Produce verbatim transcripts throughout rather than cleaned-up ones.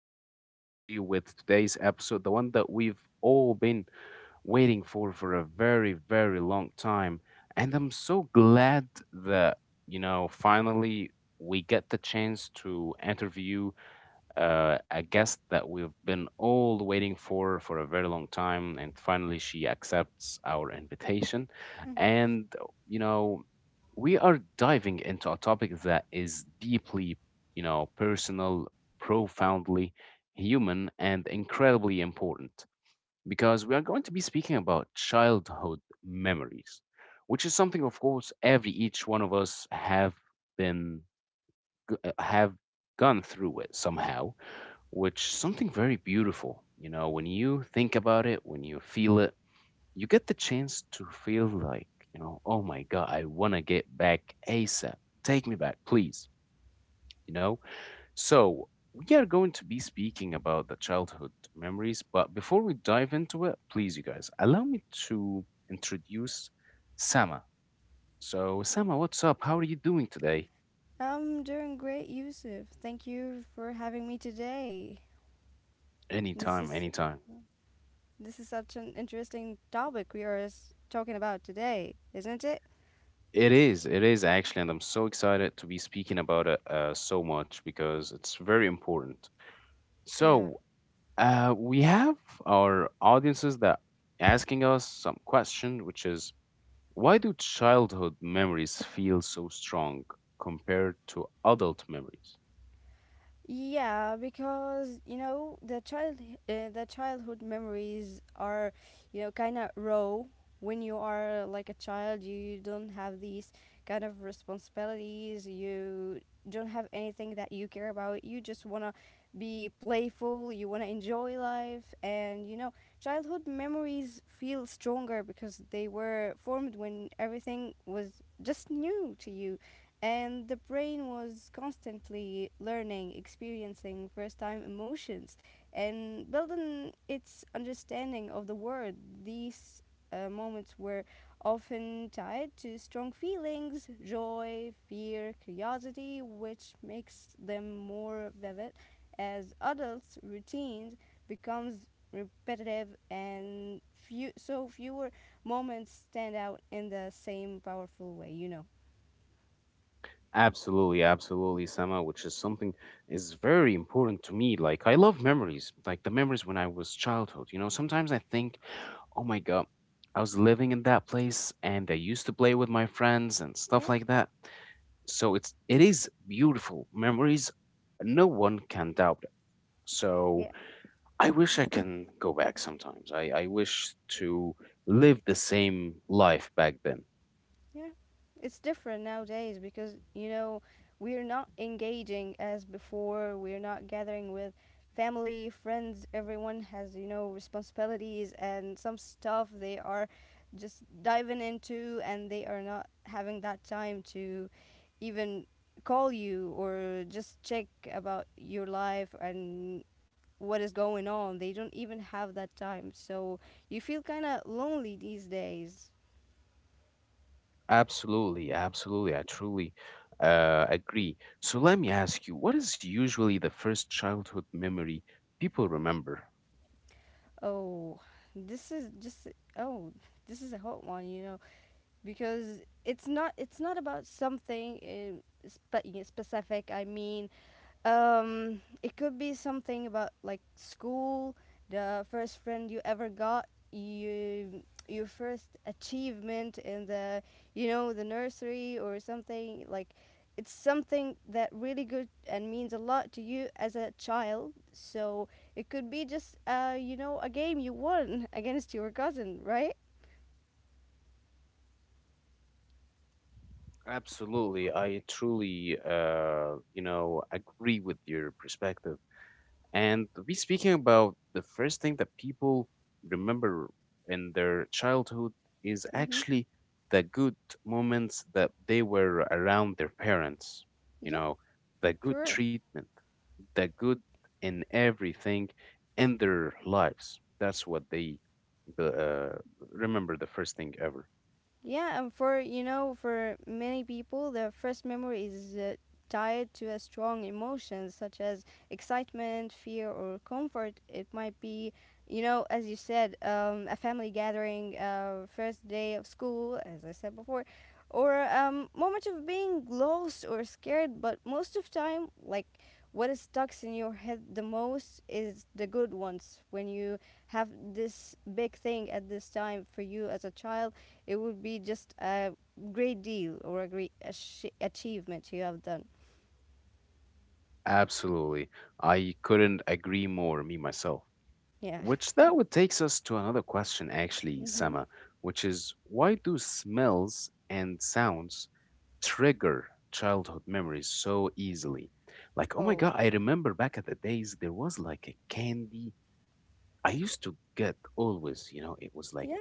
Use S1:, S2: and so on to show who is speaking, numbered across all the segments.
S1: back, everybody, with today's episode, the one that we've all been waiting for for a very, very long time. And I'm so glad that, you know, finally we get the chance to interview uh, a guest that we've been all waiting for for a very long time. And finally, she accepts our invitation.
S2: Mhm.
S1: And, you know, we are diving into a topic that is deeply, you know, personal, profoundly human, and incredibly important because we are going to be speaking about childhood memories, which is something, of course, every each one of us have been g- uh, have gone through it somehow, which something very beautiful. You know, when you think about it, when you feel it, you get the chance to feel like, you know, oh my God, I want to get back ASAP. Take me back, please. You know? So, we are going to be speaking about the childhood memories, but before we dive into it, please, you guys, allow me to introduce Sama. So, Sama, what's up? How are you doing today?
S2: I'm doing great, Yusuf. Thank you for having me today. This
S1: Anytime,
S2: is
S1: anytime.
S2: this is such an interesting topic we are s- talking about today, isn't it?
S1: It is, it is actually, and I'm so excited to be speaking about it uh, so much because it's very important.
S2: Yeah.
S1: So, Uh, we have our audiences that asking us some question, which is why do childhood memories feel so strong compared to adult memories?
S2: Yeah, because you know the child uh, the childhood memories are, you know, kind of raw. When you are like a child, you don't have these kind of responsibilities. You don't have anything that you care about. You just wanna be playful. You wanna enjoy life, and you know childhood memories feel stronger because they were formed when everything was just new to you, and the brain was constantly learning, experiencing first time emotions, and building its understanding of the world. These uh, Moments were often tied to strong feelings, joy, fear, curiosity, which makes them more vivid as adults' routines becomes repetitive and few so fewer moments stand out in the same powerful way, you know.
S1: Absolutely, absolutely, Sama, which is something is very important to me. Like I love memories, like the memories when I was childhood. You know, sometimes I think, oh my god, I was living in that place and I used to play with my friends and stuff
S2: Yeah.
S1: like that. So it's it is beautiful memories no one can doubt. So
S2: Yeah.
S1: I wish I can go back sometimes. I, I wish to live the same life back then.
S2: Yeah, it's different nowadays because you know we're not engaging as before, we're not gathering with family, friends. Everyone has, you know, responsibilities and some stuff they are just diving into, and they are not having that time to even call you or just check about your life and what is going on. They don't even have that time, so you feel kind of lonely these days.
S1: Absolutely, absolutely. I truly uh, agree. So let me ask you, what is usually the first childhood memory people remember?
S2: Oh, this is just, oh, this is a hot one, you know, because it's not it's not about something in spe- in specific. I mean, um, it could be something about like school, the first friend you ever got, you your first achievement in the, you know, the nursery or something like, it's something that really good and means a lot to you as a child. So it could be just uh you know, a game you won against your cousin, right?
S1: Absolutely. I truly, uh, you know, agree with your perspective. And we speaking about the first thing that people remember in their childhood is
S2: Mm-hmm.
S1: actually the good moments that they were around their parents, you
S2: Yeah,
S1: know, the good
S2: sure.
S1: treatment, the good in everything in their lives. That's what they uh, remember the first thing ever.
S2: Yeah, and for you know, for many people, their first memory is uh, tied to a strong emotion such as excitement, fear, or comfort. It might be, you know, as you said, um, a family gathering, uh, first day of school, as I said before, or um, moment of being lost or scared. But most of time, like, what is stuck in your head the most is the good ones when you have this big thing at this time for you as a child. It would be just a great deal or a great ach- achievement you have done.
S1: Absolutely. I couldn't agree more, me myself.
S2: Yeah.
S1: Which that would takes us to another question actually,
S2: Hmm.
S1: Sama, which is why do smells and sounds trigger childhood memories so easily? Like, oh my
S2: Oh.
S1: God, I remember back at the days there was like a candy I used to get always, you know, it was like
S2: Yeah.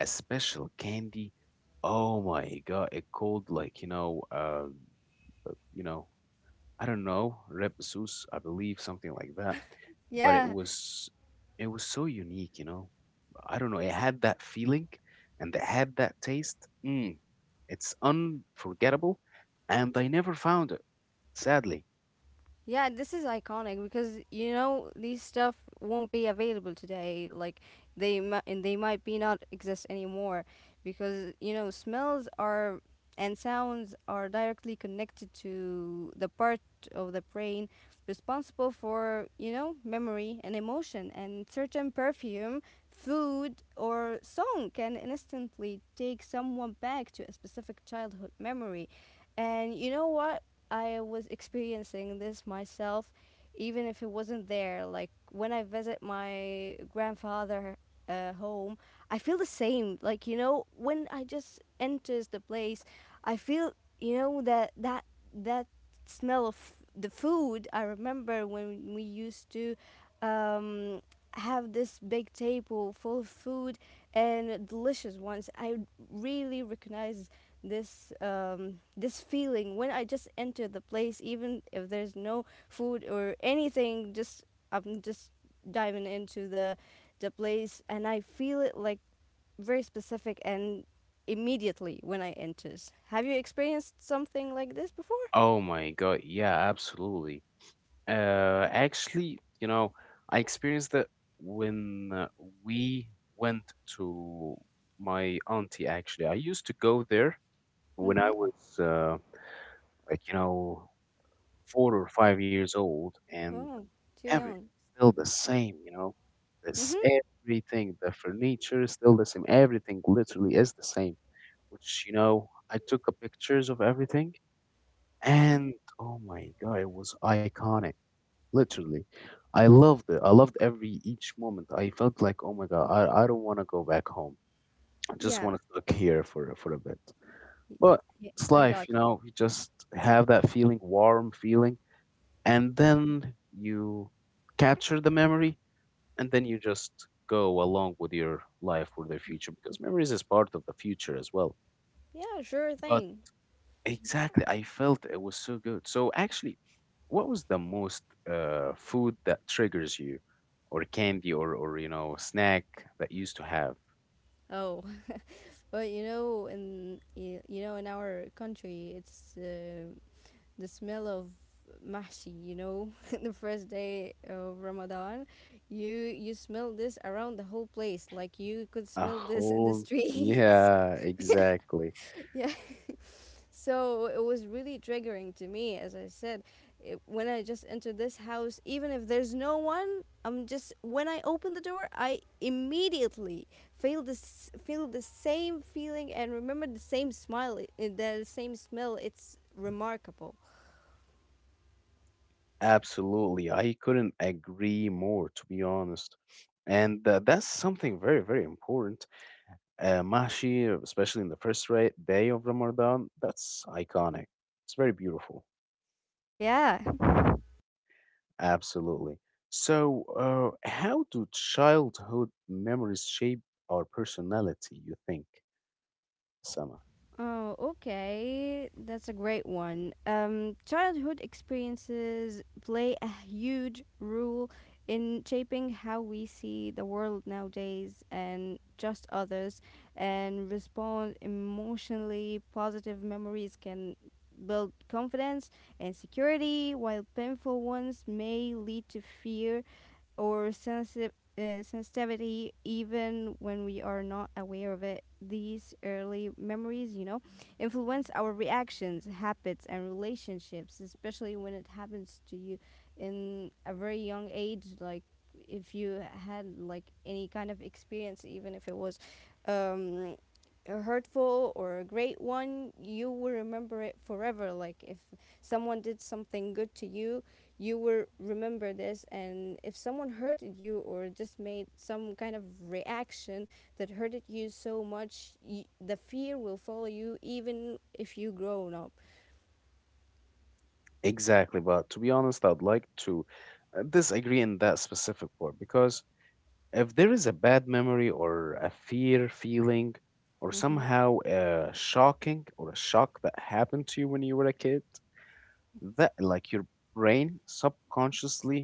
S1: a special candy. Oh my God, it called like, you know, uh, uh, you know, I don't know, Reb Zeus, I believe, something like that. But it
S2: Yeah.
S1: was it was so unique, you know. I don't know, it had that feeling and it had that taste. Mm, it's unforgettable, and I never found it, sadly.
S2: Yeah, this is iconic because you know these stuff won't be available today. Like, they mi- and they might be not exist anymore, because you know, smells are and sounds are directly connected to the part of the brain responsible for, you know, memory and emotion, and certain perfume, food or song can instantly take someone back to a specific childhood memory. And you know what? I was experiencing this myself, even if it wasn't there. Like when I visit my grandfather uh, home, I feel the same. Like, you know, when I just enters the place, I feel, you know, that that that smell of the food. I remember when we used to, um, have this big table full of food and delicious ones. I really recognize this, um, this feeling when I just enter the place, even if there's no food or anything. Just I'm just diving into the the place, and I feel it, like, very specific and immediately when I enters. Have you experienced something like this before?
S1: Oh my God, yeah, absolutely. Uh, actually, you know, I experienced it when uh, we went to my auntie. Actually, I used to go there when
S2: Mm-hmm.
S1: I was uh, like you know four or five years old, and
S2: Oh, too
S1: everything's
S2: young.
S1: still the same, you know. This
S2: Mm-hmm.
S1: everything, the furniture is still the same. Everything literally is the same. Which, you know, I took a pictures of everything,
S2: Yeah.
S1: and oh my God, it was iconic. Literally, I loved it. I loved every each moment. I felt like, oh my God, I, I don't want to go back home. I just
S2: Yeah.
S1: want to stuck here for for a bit.
S2: Y-
S1: But
S2: y-
S1: it's
S2: I
S1: life,
S2: got
S1: you
S2: you.
S1: know. You just have that feeling, warm feeling, and then you capture the memory and then you just go along with your life or the future because memories is part of the future as well.
S2: Yeah, sure
S1: But
S2: thing.
S1: exactly I felt it was so good. So actually, what was the most uh, food that triggers you or candy or or you know snack that you used to have?
S2: Oh, but you know, in you, you know, in our country, it's uh, the smell of mahshi. You know, the first day of Ramadan, you you smell this around the whole place. Like, you could
S1: A
S2: smell this in the
S1: whole,
S2: streets.
S1: yeah, exactly.
S2: Yeah. So it was really triggering to me, as I said, it, when I just enter this house, even if there's no one, I'm just, when I open the door, I immediately feel this, feel the same feeling and remember the same smile, i- the same smell. It's remarkable.
S1: Absolutely, I couldn't agree more, to be honest. And uh, that's something very, very important. Uh, mahshi, especially in the first ra- day of Ramadan, that's iconic. It's very beautiful.
S2: Yeah.
S1: Absolutely. So, uh, how do childhood memories shape our personality, you think, Sama?
S2: Oh, okay. That's a great one. Um, childhood experiences play a huge role in shaping how we see the world nowadays and just others, and respond emotionally. Positive memories can build confidence and security, while painful ones may lead to fear or sensitive uh, sensitivity, even when we are not aware of it. These early memories, you know, influence our reactions, habits, and relationships, especially when it happens to you in a very young age. Like, if you had like any kind of experience, even if it was, um, a hurtful or a great one, you will remember it forever. Like, if someone did something good to you, you will remember this. And if someone hurted you or just made some kind of reaction that hurted you so much, y- the fear will follow you even if you grown up.
S1: Exactly. But to be honest, I'd like to uh, disagree in that specific part because if there is a bad memory or a fear feeling or
S2: Mm-hmm.
S1: somehow a shocking or a shock that happened to you when you were a kid, that like your brain subconsciously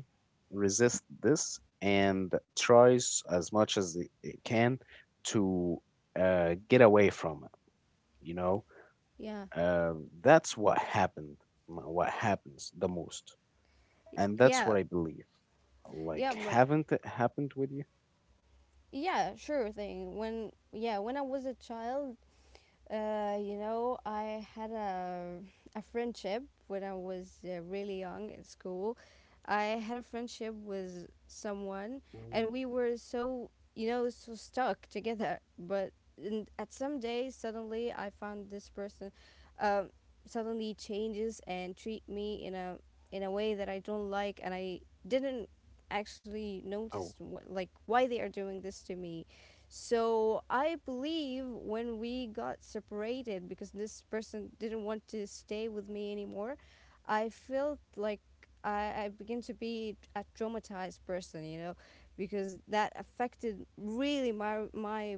S1: resists this and tries as much as it, it can to uh, get away from it, you know.
S2: yeah
S1: uh, that's what happened, m- what happens the most, and that's what
S2: yeah
S1: I believe.
S2: yeah
S1: Like
S2: but
S1: haven't it happened with you?
S2: yeah sure thing when yeah When I was a child, Uh, you know, I had a, a friendship when I was uh, really young in school. I had a friendship with someone,
S1: Mm.
S2: and we were so, you know, so stuck together. But in, at some day, suddenly I found this person, um, suddenly changes and treat me in a, in a way that I don't like, and I didn't actually
S1: Oh,
S2: notice what, like, why they are doing this to me. So I believe when we got separated because this person didn't want to stay with me anymore, I felt like I, I began to be a traumatized person, you know, because that affected really my my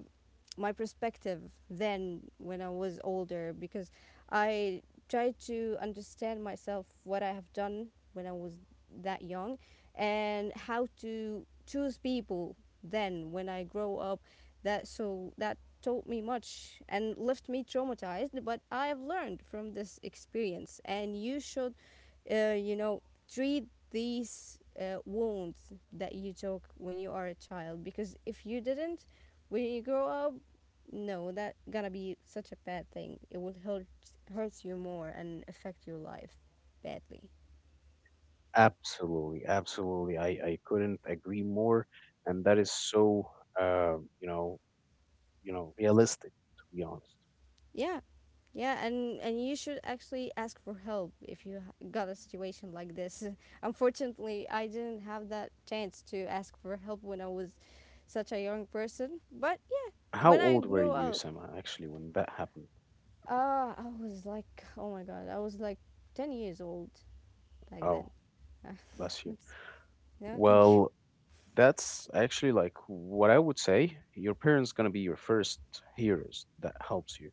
S2: my perspective then when I was older, because I tried to understand myself what I have done when I was that young, and how to choose people then when I grow up. That, so that taught me much and left me traumatized, but I have learned from this experience. And you should, uh, you know, treat these uh, wounds that you took when you are a child. Because if you didn't, when you grow up, no, that gonna be such a bad thing. It will hurt hurt you more and affect your life badly.
S1: absolutely, absolutely. I i couldn't agree more, and that is so, uh, you know you know realistic, to be honest.
S2: Yeah, yeah, and and you should actually ask for help if you ha- got a situation like this. Unfortunately, I didn't have that chance to ask for help when I was such a young person. But yeah,
S1: How
S2: when I
S1: old were
S2: grow
S1: you,
S2: up,
S1: Sama, actually, when that happened?
S2: Uh, I was like, oh my god, I was like ten years old back
S1: Oh,
S2: then.
S1: bless you.
S2: It's- no, thank
S1: Well, that's actually like what I would say. Your parents gonna be your first heroes that helps you.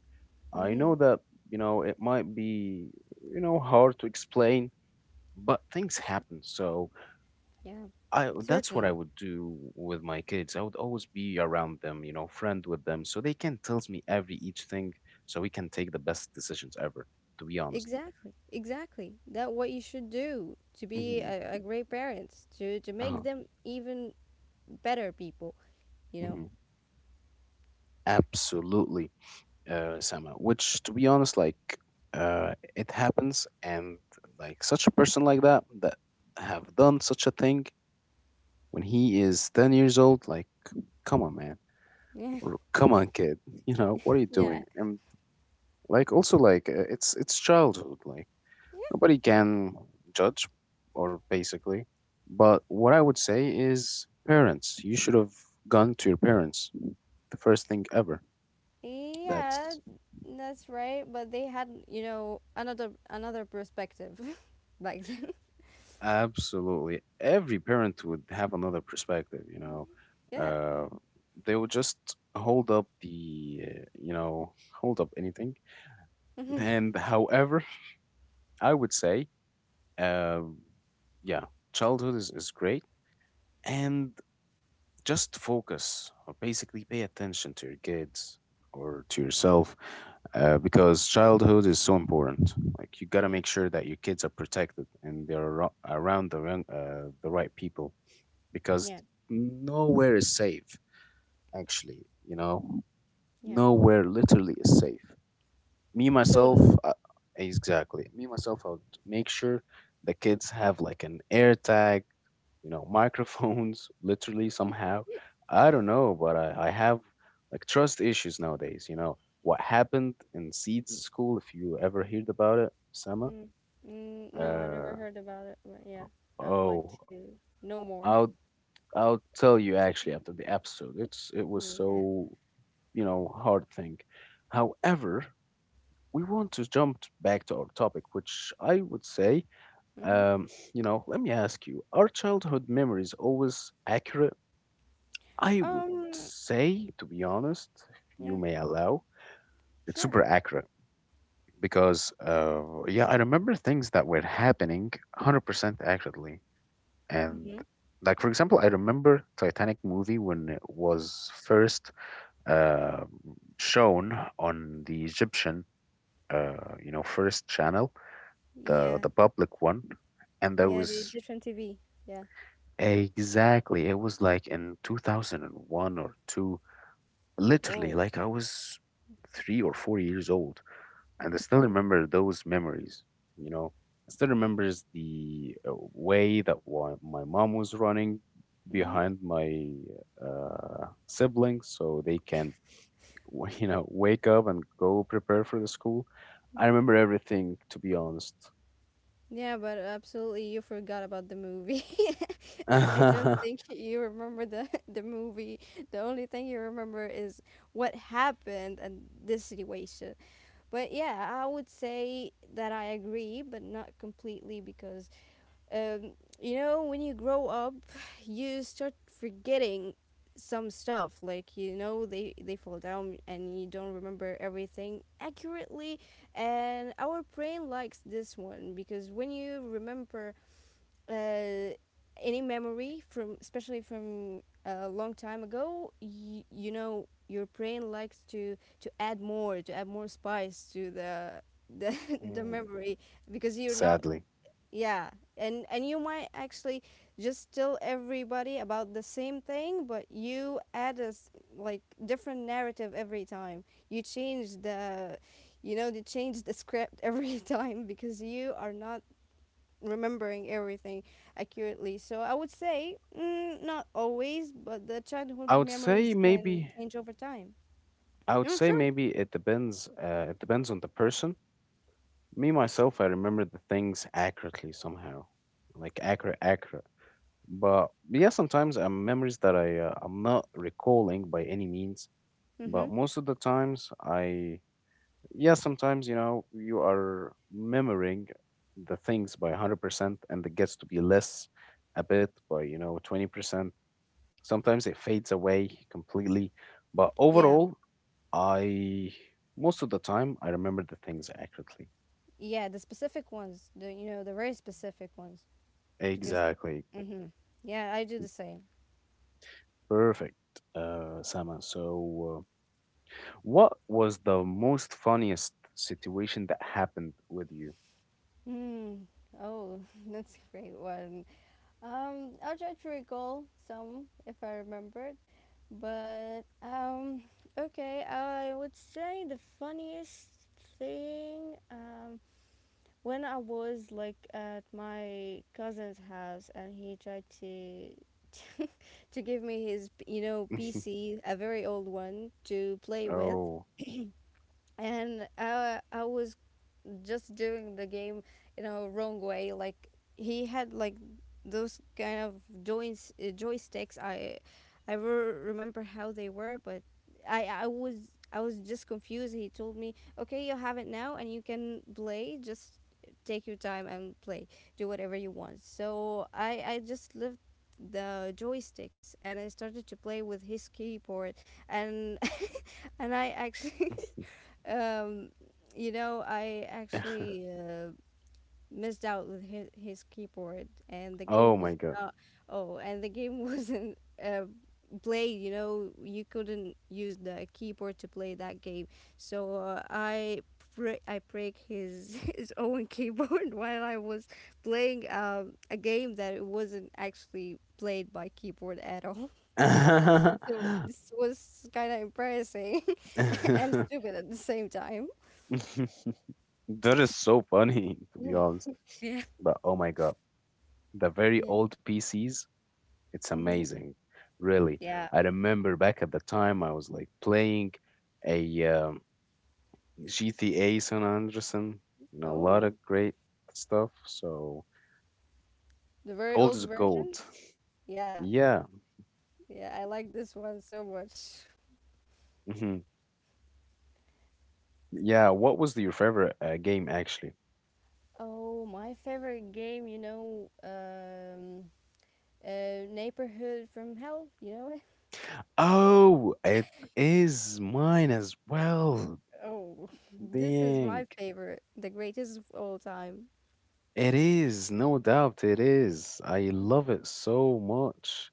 S2: you.
S1: I
S2: Hmm.
S1: know that, you know, it might be, you know, hard to explain, but things happen. So
S2: Yeah,
S1: I that's what
S2: certainly.
S1: I would do with my kids. I would always be around them, you know, friend with them, so they can tell me every each thing, so we can take the best decisions ever. To be honest.
S2: Exactly, exactly. That what you should do to be
S1: Hmm.
S2: a, a great parents, to, to make
S1: Uh-huh.
S2: them even better people, you know?
S1: Mm-hmm. Absolutely, uh, Sama. Which, to be honest, like uh, it happens, and like such a person like that that have done such a thing when he is ten years old. Like, come on, man, or come on, kid. You know what are you
S2: Yeah,
S1: doing?
S2: yeah.
S1: And like, also, like, uh, it's it's childhood. Like nobody can judge, or basically. But what I would say is, parents, you should have gone to your parents. The first thing ever.
S2: Yeah,
S1: That's—
S2: that's right. But they had, you know, another another perspective back then.
S1: Absolutely. Every parent would have another perspective, you know.
S2: Yeah.
S1: Uh, they would just hold up the, uh, you know, hold up anything. And however, I would say, uh, yeah, childhood is, is great. And just focus or basically pay attention to your kids or to yourself uh, because childhood is so important. Like, you got to
S2: Yeah.
S1: make sure that your kids are protected and they're ar- around the, wrong- uh, the right people. Because
S2: Yeah.
S1: nowhere is safe actually, you know,
S2: Yeah.
S1: nowhere literally is safe. Me myself,
S2: Totally.
S1: uh, exactly, me myself, I would make sure the kids have like an air tag, you know, microphones literally somehow, I don't know. But i, I have like trust issues nowadays. You know what happened in Seeds school, if you ever heard about it, Sama?
S2: Mm, mm, no, I never
S1: uh
S2: heard about it, but yeah, I would like
S1: oh,
S2: to know more.
S1: i'll i'll tell you actually after the episode. It's it was
S2: Yeah.
S1: so, you know, hard thing. However, we want to jump back to our topic, which I would say,
S2: Mhm.
S1: um, you know, let me ask you, are childhood memories always accurate? I would
S2: Um.
S1: say, to be honest, if
S2: Yeah.
S1: you may allow, it's
S2: Sure.
S1: super accurate because, uh, yeah, I remember things that were happening one hundred percent accurately. And,
S2: Mhm.
S1: like, for example, I remember Titanic movie when it was first uh, shown on the Egyptian uh, you know first channel, the
S2: Yeah.
S1: the public one, and that
S2: Yeah. The
S1: was
S2: Egyptian T V. Yeah.
S1: exactly, it was like in two thousand one or two, literally,
S2: Whoa.
S1: like I was three or four years old, and I still
S2: Oh.
S1: remember those memories, you know. I still remembers the uh, way that wa- my mom was running
S2: Mhm.
S1: behind my uh, siblings so they can w- you know wake up and go prepare for the school. I remember everything, to be honest.
S2: Yeah, but absolutely, you forgot about the movie. I don't think you remember the the movie. The only thing you remember is what happened and this situation. But yeah, I would say that I agree, but not completely because, um, you know, when you grow up you start forgetting some stuff, like you know they they fall down and you don't remember everything accurately. And our brain likes this one, because when you remember uh, any memory from, especially from a long time ago, you, you know, your brain likes to to add more, to add more spice to the the, the
S1: Mm,
S2: memory, because you're not,
S1: sadly,
S2: yeah, and and you might actually just tell everybody about the same thing, but you add a s- like different narrative every time. You change the, you know, you change the script every time because you are not remembering everything accurately. So I would say, mm, not always, but the childhood
S1: I would
S2: memories
S1: say
S2: can
S1: maybe—
S2: change over time.
S1: I would
S2: Yeah,
S1: say
S2: sure.
S1: maybe it depends. Uh, it depends on the person. Me myself, I remember the things accurately somehow, like accurate, accurate. But yeah, sometimes uh, memories that I uh, I'm not recalling by any means.
S2: Mhm.
S1: But most of the times, I yeah, sometimes you know you are remembering the things by hundred percent, and it gets to be less a bit by you know twenty percent. Sometimes it fades away completely, but
S2: Yeah.
S1: overall, I most of the time I remember the things accurately.
S2: Yeah, the specific ones, the you know, the very specific ones. Because,
S1: Exactly.
S2: mm-hmm, yeah, I do the same.
S1: Perfect, uh, Sama. So. What was the most funniest situation that happened with you?
S2: Hmm. Oh, that's a great one. Um, I'll try to recall some if I remembered. But um, okay, I would say the funniest thing, um when I was like at my cousin's house and he tried to. To give me his you know pc, a very old one, to play with.
S1: Oh,
S2: And I i was just doing the game in a wrong way. Like, he had like those kind of joints uh, joysticks. i i re- remember how they were, but i i was, I was just confused. He told me, okay, you have it now and you can play, just take your time and play, do whatever you want. So i i just lived the joysticks and I started to play with his keyboard. And and I actually um, you know, I actually uh, missed out with his, his keyboard, and the
S1: oh
S2: game
S1: my
S2: was
S1: god.
S2: not. Oh, and the game wasn't uh, played. You know, you couldn't use the keyboard to play that game. So uh, I br- I break his his own keyboard while I was playing um, a game that it wasn't actually played by keyboard at all. So this was kind of embarrassing and stupid at the same time.
S1: That is so funny, to be honest. But oh my God, the very
S2: Yeah.
S1: old P Cs, it's
S2: Mm-hmm.
S1: amazing. Really.
S2: Yeah.
S1: I remember back at the time I was like playing a um, G T A San Andreasen, you know, a lot
S2: Oh,
S1: of great stuff. So
S2: the very
S1: old
S2: old
S1: is gold.
S2: version? Yeah,
S1: Yeah.
S2: yeah, I like this one so much.
S1: Hmm. Yeah. What was your favorite uh, game actually?
S2: Oh, my favorite game, you know, um, uh, Neighborhood from Hell, you know it?
S1: Oh, it is mine as well.
S2: Oh, this is
S1: Dang.
S2: my favorite, the greatest of all time.
S1: It is, no doubt it is. I love it so much,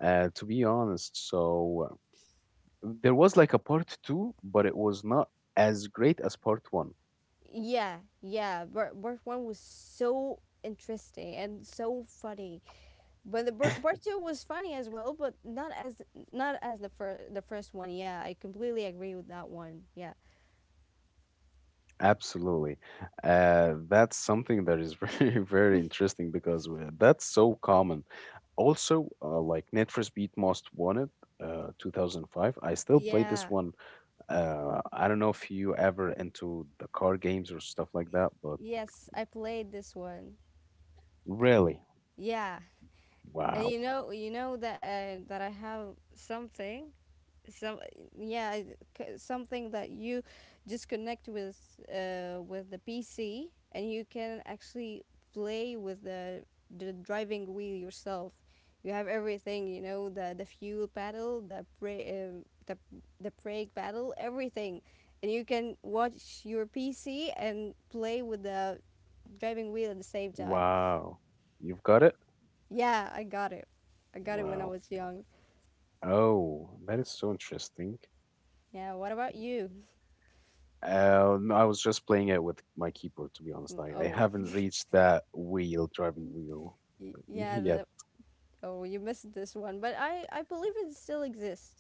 S1: uh, to be honest. So uh, there was like a part two, but it was not as great as part one.
S2: Yeah, yeah, part, part one was so interesting and so funny, but the part, part two was funny as well, but not as not as the first the first one. Yeah, I completely agree with that one. Yeah.
S1: Absolutely. Uh, that's something that is very, very interesting because we- that's so common. Also, uh, like Netflix for Most Wanted, uh, two thousand five. I still play
S2: Yeah.
S1: this one. Uh, I don't know if you ever into the car games or stuff like that, but
S2: Yes, I played this one.
S1: really,
S2: Yeah. And
S1: wow.
S2: you know, you know that uh, that I have something. Some, yeah, c- something that you just connect with uh, with the pc, and you can actually play with the the driving wheel yourself. You have everything, you know, the the fuel pedal, the bra- um the, the brake pedal, everything. And you can watch your pc and play with the driving wheel at the same time.
S1: Wow. You've got it?
S2: Yeah, I got it. I got it when I
S1: Wow.
S2: was young.
S1: Oh, that is so interesting.
S2: Yeah, what about you?
S1: Uh, no, I was just playing it with my keyboard, to be honest.
S2: Mm,
S1: I, I
S2: oh.
S1: haven't reached that wheel, driving wheel
S2: Y- Yeah,
S1: yet.
S2: the. Oh, you missed this one, but I I believe it still exists.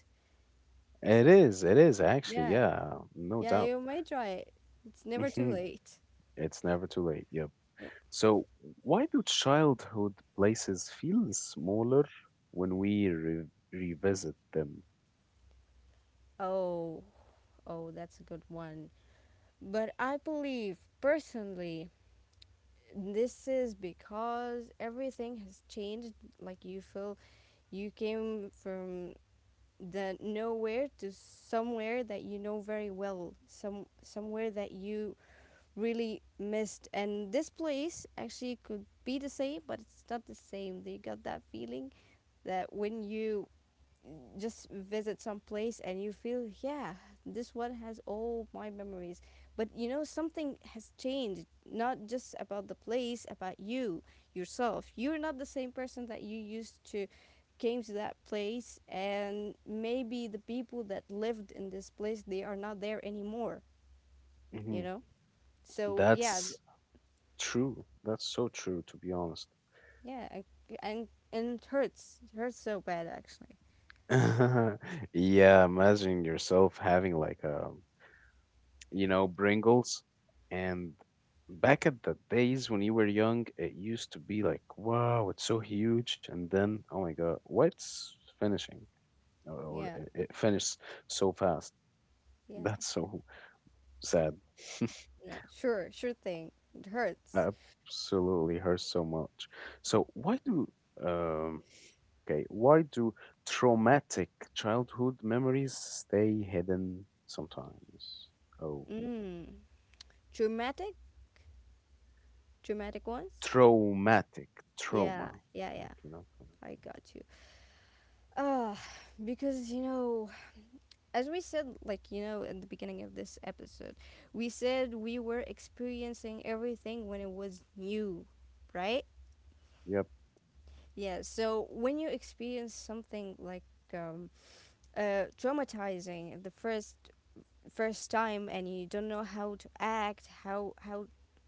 S1: It is, it is actually,
S2: Yeah,
S1: yeah, no
S2: yeah,
S1: doubt.
S2: you may try it. It's never too
S1: Mhm.
S2: late.
S1: It's never too late. Yep.
S2: Yeah.
S1: So, why do childhood places feel smaller when we re revisit them?
S2: Oh, oh, that's a good one. But I believe personally, this is because everything has changed. Like, you feel you came from the nowhere to somewhere that you know very well, some somewhere that you really missed. And this place actually could be the same, but it's not the same. You got that feeling that when you just visit some place and you feel, yeah, this one has all my memories. But you know, something has changed, not just about the place, about you yourself. You're not the same person that you used to came to that place. And maybe the people that lived in this place, they are not there anymore, you
S1: Hmm.
S2: know. So yeah.
S1: That's true. That's so true, to be honest.
S2: Yeah, I, and and it hurts. It hurts so bad, actually.
S1: Yeah, imagine yourself having like a, you know, Pringles. And back at the days when you were young, it used to be like, wow, it's so huge. And then, oh my God, what's finishing? Or, or
S2: Yeah,
S1: it, it finished so fast.
S2: yeah,
S1: That's so sad.
S2: yeah. Sure, sure thing. It hurts.
S1: Absolutely hurts so much. So why do um okay, why do traumatic childhood memories stay hidden sometimes? Oh,
S2: Mm. Dramatic, dramatic ones.
S1: traumatic trauma.
S2: Yeah, yeah,
S1: Like,
S2: yeah.
S1: you know.
S2: I got you. Uh, because you know, as we said, like, you know, in the beginning of this episode, we said we were experiencing everything when it was new, right?
S1: Yep.
S2: Yeah. So when you experience something like um, uh, traumatizing the first first time, and you don't know how to act, how how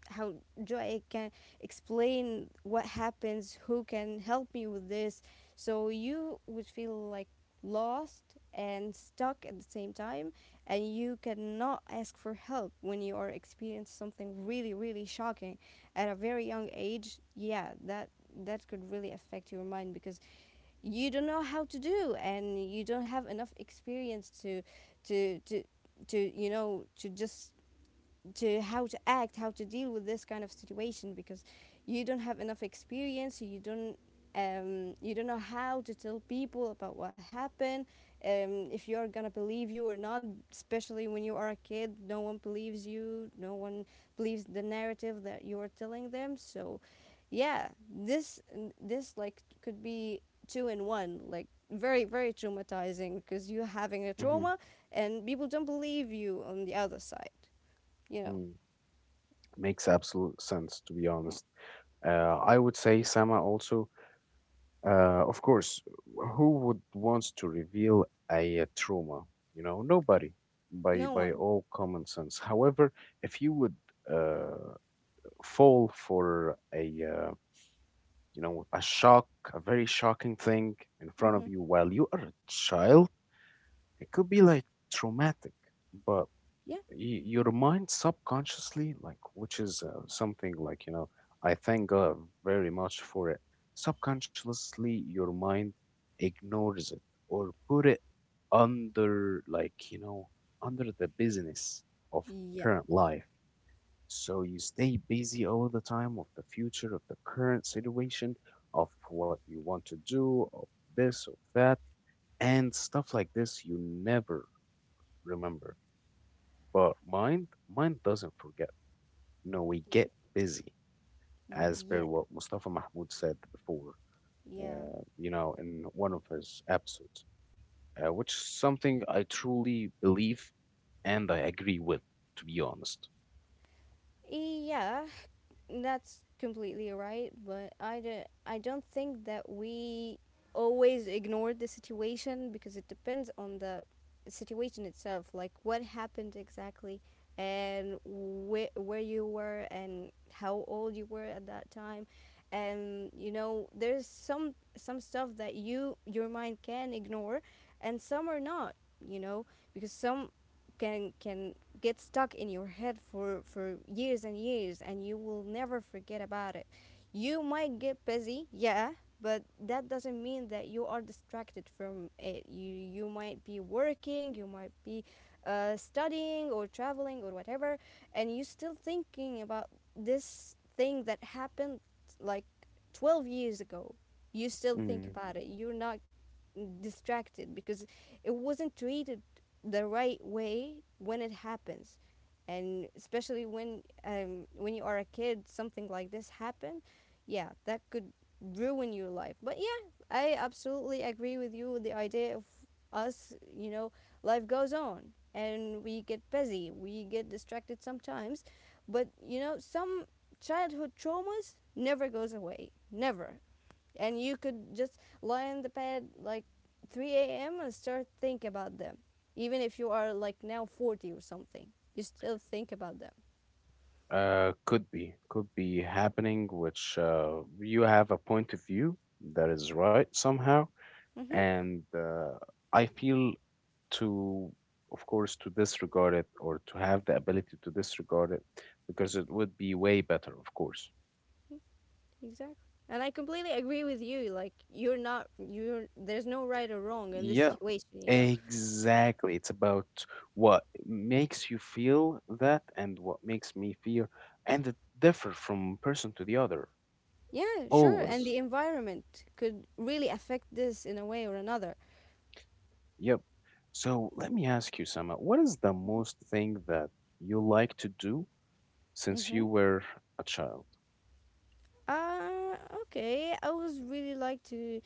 S2: how joy can explain what happens, who can help me with this. So you would feel like lost and stuck at the same time, and you cannot ask for help when you are experiencing something really really shocking at a very young age. Yeah, that that could really affect your mind, because you don't know how to do, and you don't have enough experience to to to to you know, to just to how to act, how to deal with this kind of situation, because you don't have enough experience, you don't um, you don't know how to tell people about what happened, um, if you're gonna believe you or not, especially when you are a kid, no one believes you, no one believes the narrative that you're telling them. So, yeah, this this like could be two in one, like very very traumatizing, because you're having a
S1: Hmm.
S2: trauma and people don't believe you on the other side, you know.
S1: Mm. Makes absolute sense to be
S2: Yeah.
S1: honest. Uh, I would say Sama also Uh, of course, who would want to reveal a, uh, trauma? You know, nobody by
S2: No
S1: by
S2: one.
S1: all common sense. However, if you would uh, fall for a uh, you know a shock, a very shocking thing in front of
S2: Mm-hmm.
S1: you while you are a child, it could be like traumatic. But
S2: Yeah.
S1: y- your mind subconsciously like which is uh, something like you know I thank god very much for it, subconsciously your mind ignores it or put it under like you know under the business of
S2: Yeah.
S1: current life. So you stay busy all the time, of the future, of the current situation, of what you want to do, of this, of that, and stuff like this. You never remember, but mind mind doesn't forget. No, we get busy, as per
S2: Yeah.
S1: what Mustafa Mahmoud said before,
S2: Yeah.
S1: uh, you know, in one of his episodes, uh, which is something I truly believe and I agree with, to be honest.
S2: Yeah. That's completely right, but I, do, I don't think that we always ignore the situation, because it depends on the situation itself, like what happened exactly, and wh- where you were and how old you were at that time. And you know, there's some some stuff that you your mind can ignore and some are not, you know. Because some can can get stuck in your head for for years and years, and you will never forget about it. You might get busy, yeah, but that doesn't mean that you are distracted from it. You you might be working, you might be uh, studying or traveling or whatever, and you're still thinking about this thing that happened like twelve years ago. You still think
S1: Mm.
S2: about it. You're not distracted, because it wasn't treated the right way when it happens. And especially when um, when you are a kid, something like this happen, yeah, that could ruin your life. But yeah, I absolutely agree with you, with the idea of us, you know, life goes on and we get busy, we get distracted sometimes. But you know, some childhood traumas never goes away, never. And you could just lie on the bed like three a m and start think about them. Even if you are like now forty or something, you still think about them.
S1: Uh, could be, could be happening, which uh, you have a point of view that is right somehow,
S2: Mm-hmm.
S1: and uh, I feel to, of course, to disregard it or to have the ability to disregard it because it would be way better, of course.
S2: Exactly. And I completely agree with you. Like, you're not, you're, there's no right or wrong in this
S1: Yeah,
S2: situation, you know.
S1: exactly. It's about what makes you feel that and what makes me feel, and it differ from person to the other,
S2: Yeah, sure. And
S1: always.
S2: the environment could really affect this in a way or another.
S1: Yep. So let me ask you, Sama, what is the most thing that you like to do since
S2: Mm-hmm.
S1: you were a child?
S2: Uh, okay. I would really like to.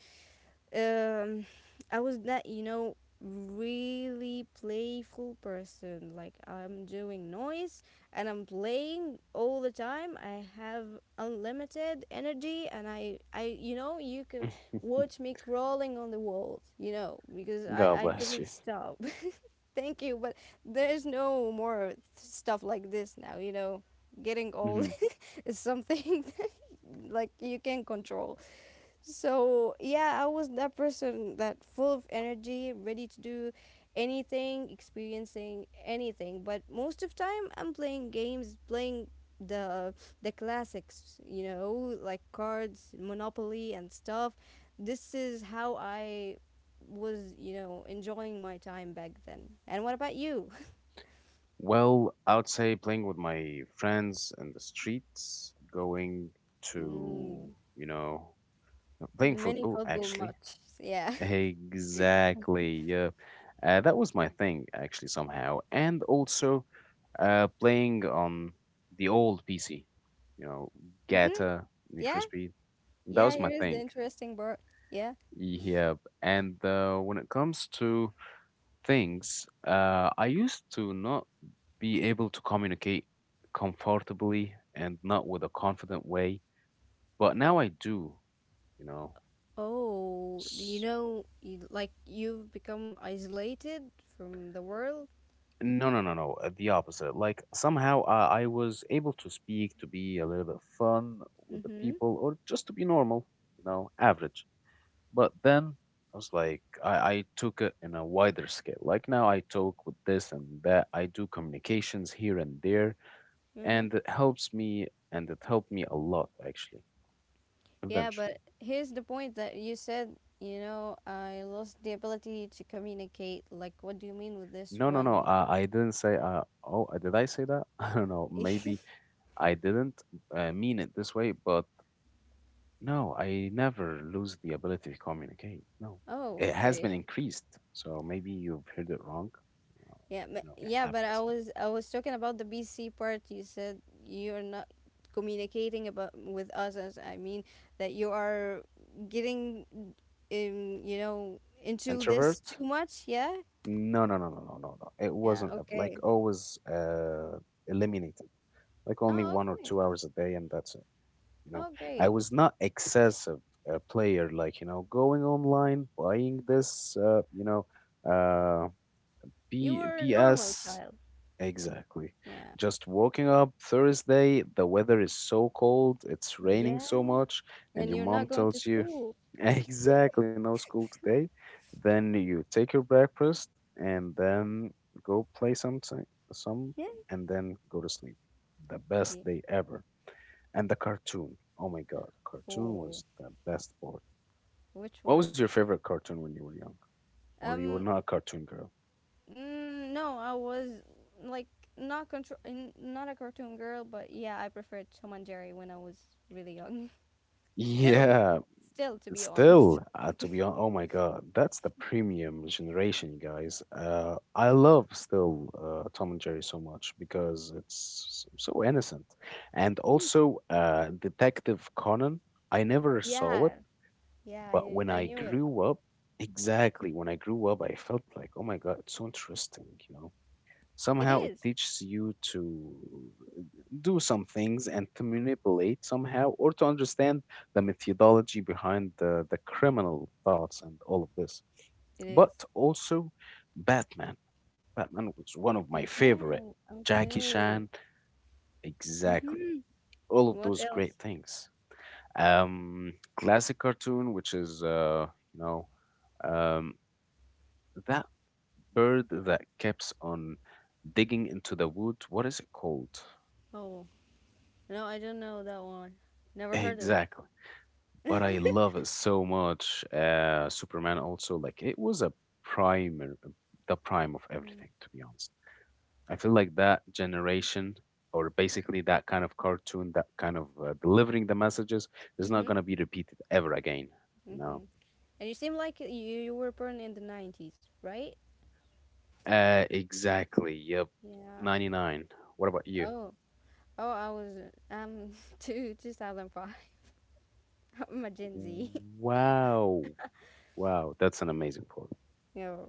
S2: Um, I was that, you know, really playful person. Like, I'm doing noise and I'm playing all the time. I have unlimited energy, and I I you know, you can watch me crawling on the walls. You know, because I I
S1: God bless
S2: couldn't
S1: you.
S2: stop. Thank you, but there is no more stuff like this now. You know, getting old
S1: Hmm.
S2: is something like you can control. So yeah, I was that person that full of energy, ready to do anything, experiencing anything. But most of time, I'm playing games, playing the the classics, you know, like cards, Monopoly, and stuff. This is how I was, you know, enjoying my time back then. And what about you?
S1: Well, I would say playing with my friends in the streets, going to,
S2: Mm,
S1: you know, playing
S2: many
S1: football
S2: football
S1: actually.
S2: matches. Yeah.
S1: Exactly. Yeah. Uh, that was my thing, actually, somehow. And also uh, playing on the old P C, you know,
S2: hmm.
S1: Gata, Need for
S2: Yeah.
S1: Speed. That
S2: Yeah.
S1: was my
S2: Here is the
S1: thing.
S2: interesting part. Yeah.
S1: Yeah. And uh, when it comes to things, uh, I used to not be able to communicate comfortably and not with a confident way, but now I do, you know.
S2: Oh, you know, you, like you've become isolated from the world.
S1: No, no, no, no. uh, The opposite. Like somehow I, I was able to speak, to be a little bit fun with the
S2: Mm-hmm.
S1: people, or just to be normal, you know, average. But then I was like, I, I took it in a wider scale. Like now I talk with this and that. I do communications here and there,
S2: Mm-hmm.
S1: and it helps me, and it helped me a lot actually.
S2: Yeah, but
S1: Eventually.
S2: here's the point that you said, you know, I lost the ability to communicate. Like, what do you mean with this
S1: No, no, no.
S2: one?
S1: I, I didn't say. Uh, oh, uh, did I say that? I don't know. Maybe I didn't uh, mean it this way, but no, I never lose the ability to communicate. No, it
S2: Oh,
S1: has
S2: okay.
S1: been increased. So maybe you've heard it wrong. Uh,
S2: Yeah, but,
S1: you know, it
S2: yeah, but I
S1: happens.
S2: was I was talking about the B C part. You said you're not communicating about with us. as- I mean that you are getting, um, you know, into this
S1: Introvert?
S2: too much. Yeah.
S1: No, no, no, no, no, no, no. It
S2: Yeah,
S1: wasn't ever-
S2: okay.
S1: like always uh, eliminated. Like only
S2: Oh,
S1: one or
S2: okay.
S1: two hours a day, and that's it. You know, I
S2: Okay.
S1: was not excessive uh, player. Like you know, going online, buying this. Uh, you know, uh,
S2: You
S1: B
S2: were a normal
S1: BS.
S2: child.
S1: Exactly.
S2: Yeah.
S1: Just waking up Thursday, the weather is so cold, it's raining
S2: Yeah.
S1: so much, and
S2: And
S1: your
S2: you're
S1: mom
S2: not going to
S1: tells you,
S2: school.
S1: exactly, no school today. Then you take your breakfast and then go play some, ti- some
S2: Yeah.
S1: and then go to sleep. The best
S2: Yeah.
S1: day ever. And the cartoon. Oh my God, cartoon was
S2: Oh,
S1: the best part.
S2: which
S1: What was
S2: one?
S1: your favorite cartoon when you were young? Or you were
S2: Um,
S1: not a cartoon girl?
S2: mm, no, I was like not control, not a cartoon girl, but yeah, I preferred Tom and Jerry when I was really young. Still,
S1: Yeah,
S2: still, to be
S1: still,
S2: honest.
S1: uh, to be honest, oh my God, that's the premium generation, guys. Uh, I love still uh, Tom and Jerry so much because it's s- so innocent. And
S2: Mm,
S1: also, uh, Detective Conan, I never saw it,
S2: yeah, yeah,
S1: but
S2: I,
S1: when
S2: I
S1: I
S2: knew it.
S1: grew up, exactly when I grew up, I felt like, oh my God, it's so interesting, you know?
S2: It
S1: Somehow it
S2: is.
S1: teaches you to do some things and to manipulate somehow or to understand the methodology behind the, the criminal thoughts and all of this.
S2: It is.
S1: But also Batman. Batman was one of my
S2: Batman.
S1: favorite. Jackie
S2: Okay.
S1: Chan, exactly.
S2: Mm-hmm.
S1: All of
S2: What
S1: those great
S2: else?
S1: things. Um, classic cartoon, which is uh, you know, um, that bird that keeps on digging into the wood. What is it called?
S2: Oh, no, I don't know that one. Never heard of
S1: Exactly. But
S2: it.
S1: I love it so much. Uh, Superman also, like, it was a primer, um, the prime of everything, to be honest. I feel like that generation, or basically that kind of cartoon, that kind of uh, delivering the messages, is not
S2: Mhm.
S1: going to be repeated ever again, you know?
S2: Mhm. And you seem like you, you were born in the nineties, right?
S1: Uh, exactly. Yep.
S2: Yeah.
S1: ninety-nine. What about you?
S2: Oh. Oh, I was um two 2005. I'm a Gen Z.
S1: Wow. Wow. That's an amazing part.
S2: You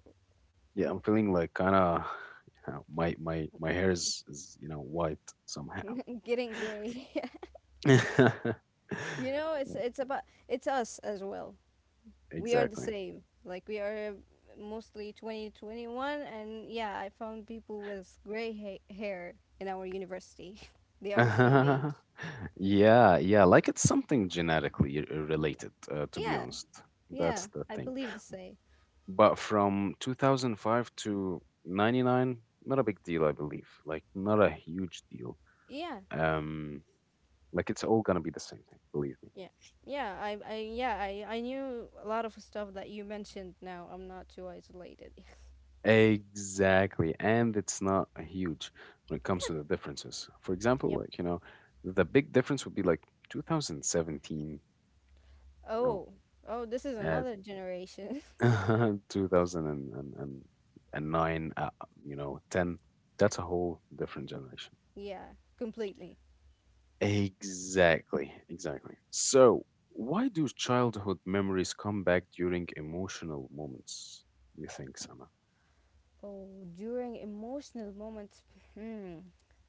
S1: Yeah, I'm feeling like kind of you know, my my my hair is, is you know white somehow.
S2: getting gray. You know, it's it's about it's us as well. We are the
S1: exactly.
S2: same. Like, we are mostly twenty twenty-one, and yeah, I found people with gray ha- hair in our university. They are the same age.
S1: yeah, yeah, like it's something genetically r- uh, related. Uh, to be
S2: Yeah.
S1: honest,
S2: Yeah.
S1: that's the
S2: I
S1: thing.
S2: believe the same.
S1: But from two thousand five to ninety-nine, not a big deal, I believe. Like not a huge deal.
S2: Yeah.
S1: Um, like it's all gonna be the same thing, believe me.
S2: Yeah. Yeah, I, I yeah, I, I knew a lot of stuff that you mentioned now. I'm not too isolated.
S1: Exactly. And it's not huge when it comes to the differences. For example,
S2: Yep.
S1: like, you know, the big difference would be like two thousand seventeen, you know,
S2: Oh. Oh, this is
S1: uh,
S2: another generation.
S1: two thousand nine, uh, you know, ten. That's a whole different generation.
S2: Yeah, completely.
S1: Exactly. Exactly. So, why do childhood memories come back during emotional moments, you think, Sama?
S2: Oh, during emotional moments, hmm,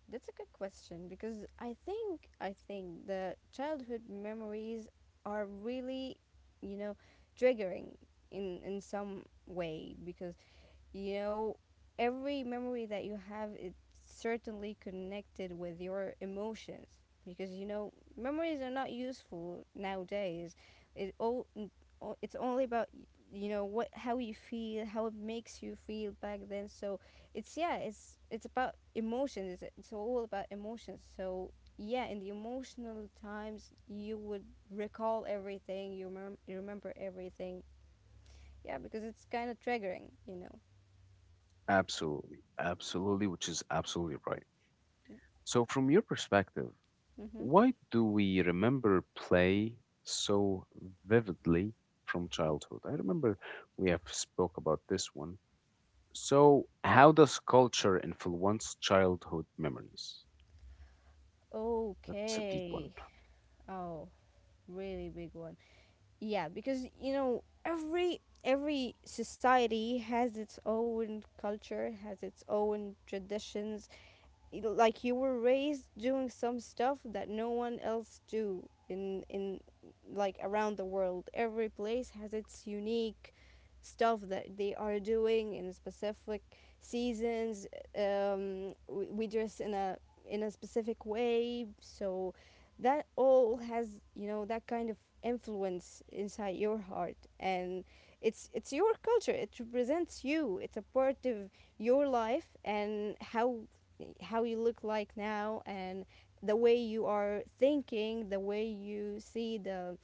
S2: that's a good question, because I think I think the childhood memories are really, you know, triggering in in some way, because you know, every memory that you have, it's certainly connected with your emotions, because you know, memories are not useful nowadays. it all it's only about, you know, what, how you feel, how it makes you feel back then. So it's yeah, it's it's about emotions. It's, it's all about emotions. So yeah, in the emotional times, you would recall everything. You, remem- you remember everything, yeah, because it's kind of triggering, you know.
S1: Absolutely. Absolutely, which is absolutely right. So, from your perspective,
S2: Mm-hmm.
S1: why do we remember play so vividly from childhood? I remember we have spoke about this one. So, how does culture influence childhood memories? That's a deep one.
S2: Okay. Oh, really big one. Yeah, because you know every every society has its own culture, has its own traditions, y- like you were raised doing some stuff that no one else do in in like around the world. Every place has its unique stuff that they are doing in specific seasons. Um we, we dress in a in a specific way, so that all has, you know, that kind of influence inside your heart, and it's it's your culture, it represents you, it's a part of your life and how how you look like now, and the way you are thinking, the way you see the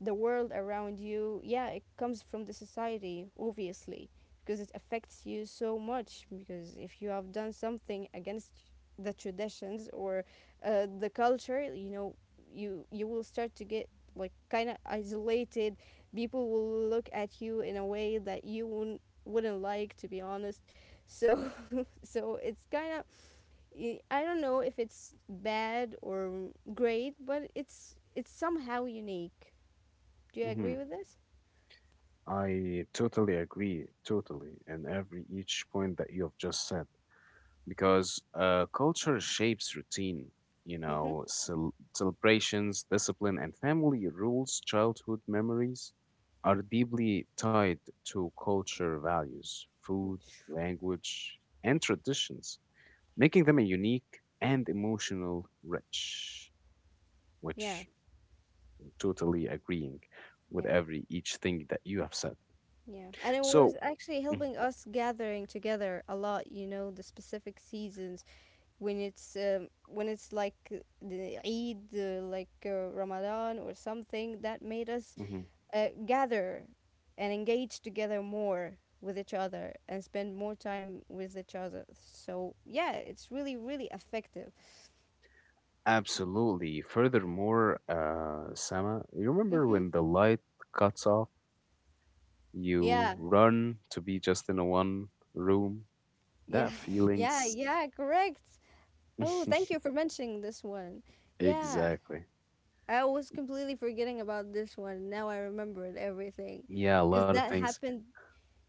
S2: the world around you. Yeah, it comes from the society obviously, because it affects you so much. Because if you have done something against the traditions or uh, the culture, you know, you you will start to get like kind of isolated. People will look at you in a way that you wouldn't wouldn't like, to be honest. So so it's kind of, i I don't know if it's bad or great, but it's it's somehow unique. Do you
S1: Hmm.
S2: agree with this?
S1: I totally agree, totally, and every each point that you have just said. Because uh, culture shapes routine. You
S2: Mm-hmm.
S1: know, cel- celebrations, discipline, and family rules, childhood memories are deeply tied to culture values, food, language, and traditions, making them a unique and emotional rich,
S2: Yeah,
S1: which I'm totally agreeing
S2: yeah,
S1: with every each thing that you have said.
S2: yeah. And it
S1: So,
S2: was actually
S1: mhm.
S2: helping us gathering together a lot. You know, the specific seasons when it's um, when it's like the Eid, uh, like uh, Ramadan or something that made us
S1: Hmm.
S2: uh, gather and engage together more with each other and spend more time with each other. So yeah, it's really really effective.
S1: Absolutely. Furthermore, uh, Sama, you remember
S2: Mm-hmm.
S1: when the light cuts off, you
S2: Yeah,
S1: run to be just in a one room?
S2: yeah,
S1: That
S2: yeah,
S1: feelings.
S2: yeah. Correct. Oh, thank you for mentioning this one. Yeah,
S1: Exactly.
S2: I was completely forgetting about this one. Now I remembered everything
S1: Yeah, a
S2: because
S1: lot of
S2: that
S1: things.
S2: happened.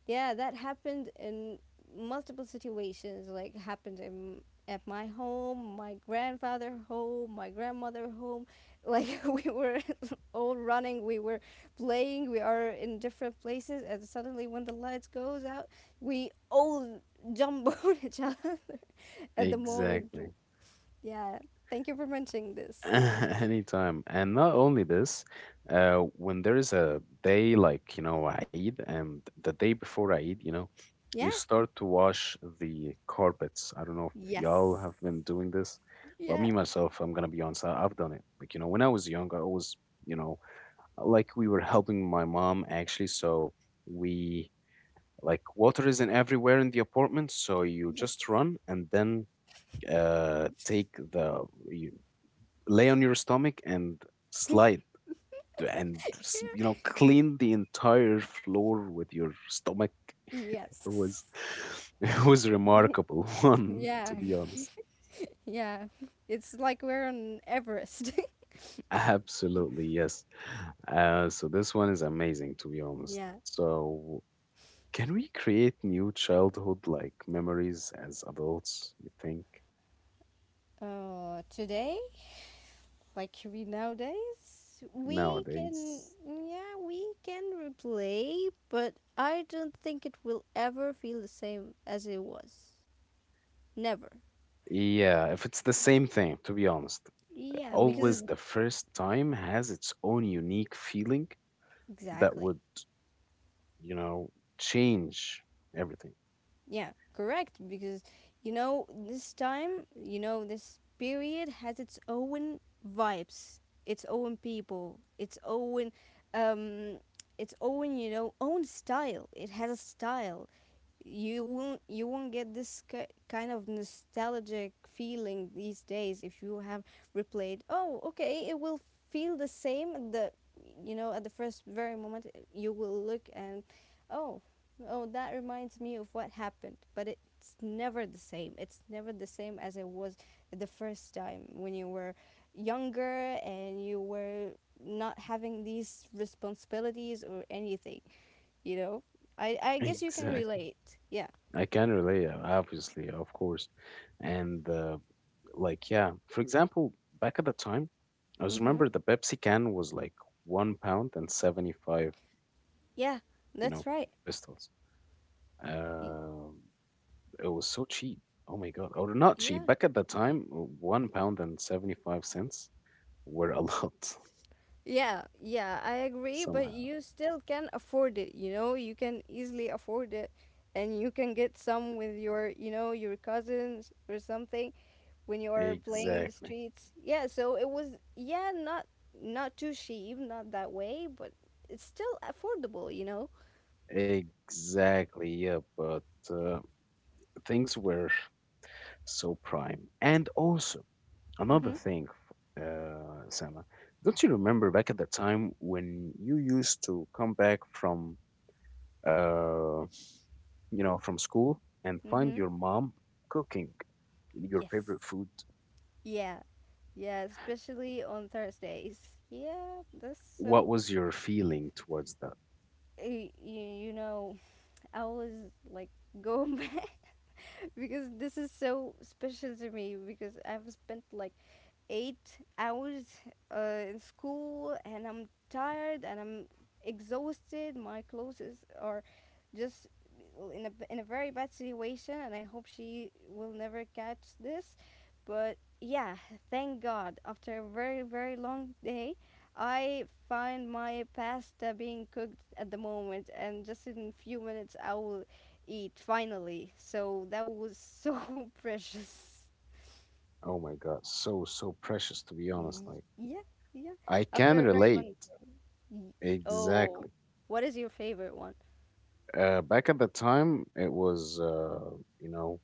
S2: Yeah, that happened in multiple situations. Like happened in at my home, my grandfather home, my grandmother home. Like we were all running, we were playing, we are in different places, and suddenly when the lights goes out, we all jump on each other at the moment.
S1: Exactly.
S2: Yeah, thank you for mentioning this.
S1: Anytime. And not only this, uh, when there is a day like, you know, Eid and the day before Eid, you know, you
S2: Yeah.
S1: start to wash the carpets. I don't know if y'all
S2: Yes.
S1: have been doing this, but
S2: Yeah.
S1: me myself, I'm gonna be honest, I- I've done it. Like, you know, when I was young, I always, you know, like we were helping my mom actually, so we like water isn't everywhere in the apartment, so you
S2: Yes.
S1: just run and then uh take the you lay on your stomach and slide and s- you know clean the entire floor with your stomach it was
S2: Yes.
S1: it was remarkable one
S2: Yeah.
S1: to be honest.
S2: Yeah, it's like we're on Everest.
S1: Absolutely yes. uh, so this one is amazing to be honest.
S2: Yeah.
S1: So can we create new childhood like memories as adults you think
S2: Uh, today, like we nowadays, we can,
S1: nowadays?
S2: yeah, we can replay, but I don't think it will ever feel the same as it was. Never.
S1: Yeah, if it's the same thing to be honest,
S2: Yeah, because
S1: always the first time has its own unique feeling that
S2: exactly.
S1: would, you know, change everything.
S2: Yeah, correct. Because, you know, this time, you know, this period has its own vibes, its own people, its own, um, its own, you know, own style. It has a style you won't you won't get this ki- kind of nostalgic feeling these days. If you have replayed, oh okay, it will feel the same at the, you know, at the first very moment. You will look and oh, oh, that reminds me of what happened, but it's never the same. It's never the same as it was the first time when you were younger and you were not having these responsibilities or anything, you know. I i guess you can
S1: Exactly.
S2: relate. Yeah.
S1: I can relate, uh, obviously, of course. And uh, like, yeah, for example, back at the time, I was
S2: Mm-hmm.
S1: remember the Pepsi can was like one pound and seventy-five,
S2: Yeah,
S1: you
S2: that's
S1: know,
S2: right.
S1: pistols.
S2: Y-
S1: Uh, it was so cheap. Oh my God. Or not
S2: yeah,
S1: cheap. Back at the time, one pound and seventy-five cents were a lot
S2: yeah, yeah, I agree, but
S1: somehow.
S2: you still can afford it, you know. You can easily afford it and you can get some with your, you know, your cousins or something when you are playing in the
S1: Exactly.
S2: streets. Yeah, so it was, yeah, not not too cheap, not that way, but it's still affordable, you know.
S1: Exactly. Yeah, but uh, things were so prime. And also, another
S2: Mm-hmm.
S1: thing, uh, Sama, don't you remember back at the time when you used to come back from, uh, you know, from school and find
S2: Mm-hmm.
S1: your mom cooking your favorite
S2: Yes.
S1: food?
S2: Yeah. Yeah, especially on Thursdays. Yeah, that's
S1: What
S2: so.
S1: was your feeling towards that?
S2: You, you know, I always, like, go back, because this is so special to me, because I've spent like eight hours uh, in school, and I'm tired and I'm exhausted. My clothes is- are just in a, b- in a very bad situation, and I hope she will never catch this. But yeah, thank God. After a very, very long day, I find my pasta being cooked at the moment, and just in a few minutes I will eat finally. So that was so precious.
S1: Oh my God, so, so precious, to be honest.
S2: Y-
S1: Like,
S2: Yeah, yeah.
S1: I
S2: After
S1: can
S2: a very
S1: relate.
S2: long. y- Oh,
S1: Exactly.
S2: what is your favorite one?
S1: Uh, back at the time, it was, uh, you know,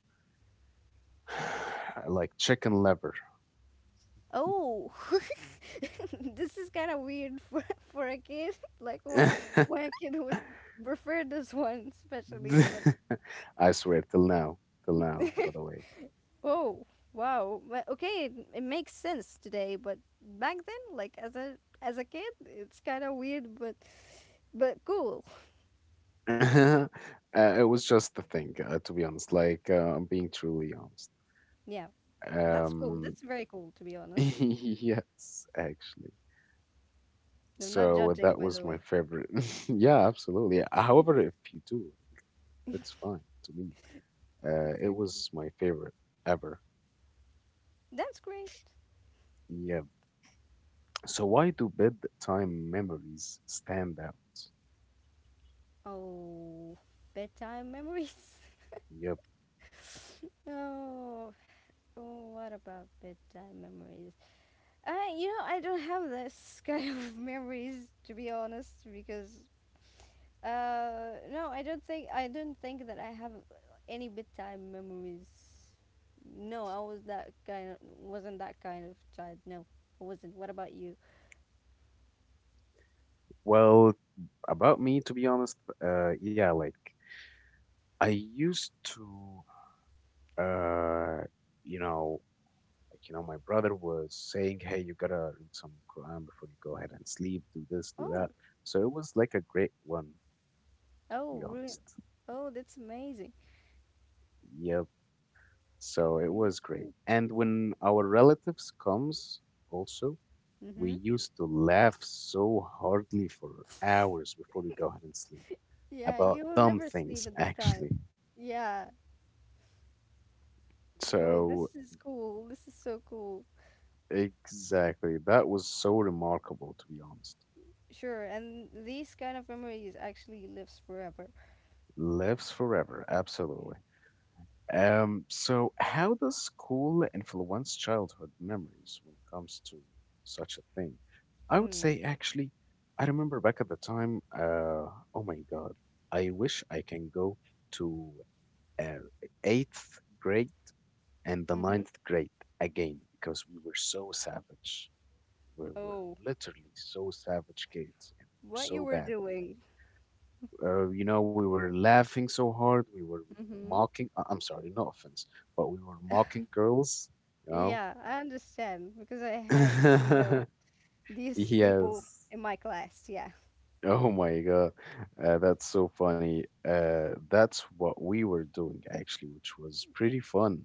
S1: like chicken liver.
S2: Oh, this is kind of weird for for a kid. Like, why why a kid would prefer this one especially? But
S1: I swear, till now, till now, by the way.
S2: oh, wow. Well, okay, it, it makes sense today, but back then, like as a as a kid, it's kind of weird, but but cool.
S1: uh, it was just the thing, uh, to be honest. Like, uh, I'm being truly honest.
S2: Yeah, that's cool.
S1: Um,
S2: That's very cool, to be honest.
S1: yes, actually.
S2: I'm not
S1: So
S2: judging,
S1: that
S2: by
S1: was
S2: the
S1: my
S2: way.
S1: favorite. Yeah, absolutely. However, if you do, it's fine to me. Uh,
S2: It's
S1: it
S2: okay.
S1: was my favorite ever.
S2: That's great.
S1: Yeah. So why do bedtime memories stand out?
S2: Oh, bedtime memories.
S1: Yep.
S2: Oh, oh, what about bedtime memories? I, you know, I don't have this kind of memories, to be honest, because uh, no, I don't think I don't think that I have any bedtime memories. No, I was that kind of, wasn't that kind of child. No, I wasn't. What about you?
S1: Well, about me, to be honest, uh, yeah, like I used to, uh, you know, like you know, my brother was saying, "Hey, you gotta read some Quran before you go ahead and sleep. Do this, do
S2: Oh,
S1: that." So it was like a great one, to
S2: oh,
S1: be
S2: really?
S1: honest.
S2: Oh, that's amazing.
S1: Yep. So it
S2: Very
S1: was
S2: cool.
S1: great. And when our relatives comes, also, we
S2: Mm-hmm.
S1: used to laugh so hardly for hours before we go ahead and sleep
S2: Yeah,
S1: about
S2: you will
S1: dumb
S2: never sleep
S1: things,
S2: at the time.
S1: actually.
S2: Yeah. Oh, this
S1: So,
S2: is cool. This is so cool.
S1: exactly. That was so remarkable, to be honest.
S2: Sure, and these kind of memories actually lives forever.
S1: Lives forever, absolutely. Um, so, how does school influence childhood memories when it comes to such a thing? I would
S2: Mm.
S1: say, actually, I remember back at the time, uh, oh my God, I wish I can go to uh, eighth grade and the
S2: Mm-hmm.
S1: ninth grade again because we were so savage. We were
S2: Oh,
S1: literally so savage kids, and we were
S2: what you
S1: so
S2: were
S1: bad.
S2: doing.
S1: Uh, you know, we were laughing so hard. We were
S2: Mm-hmm.
S1: mocking. uh, I'm sorry, no offense, but we were mocking girls. You
S2: Yeah, I understand because I had, you know,
S1: know.
S2: these people
S1: Yes.
S2: in my class. Yeah.
S1: Oh my God. Uh, that's so funny. Uh, that's what we were doing actually, which was pretty fun,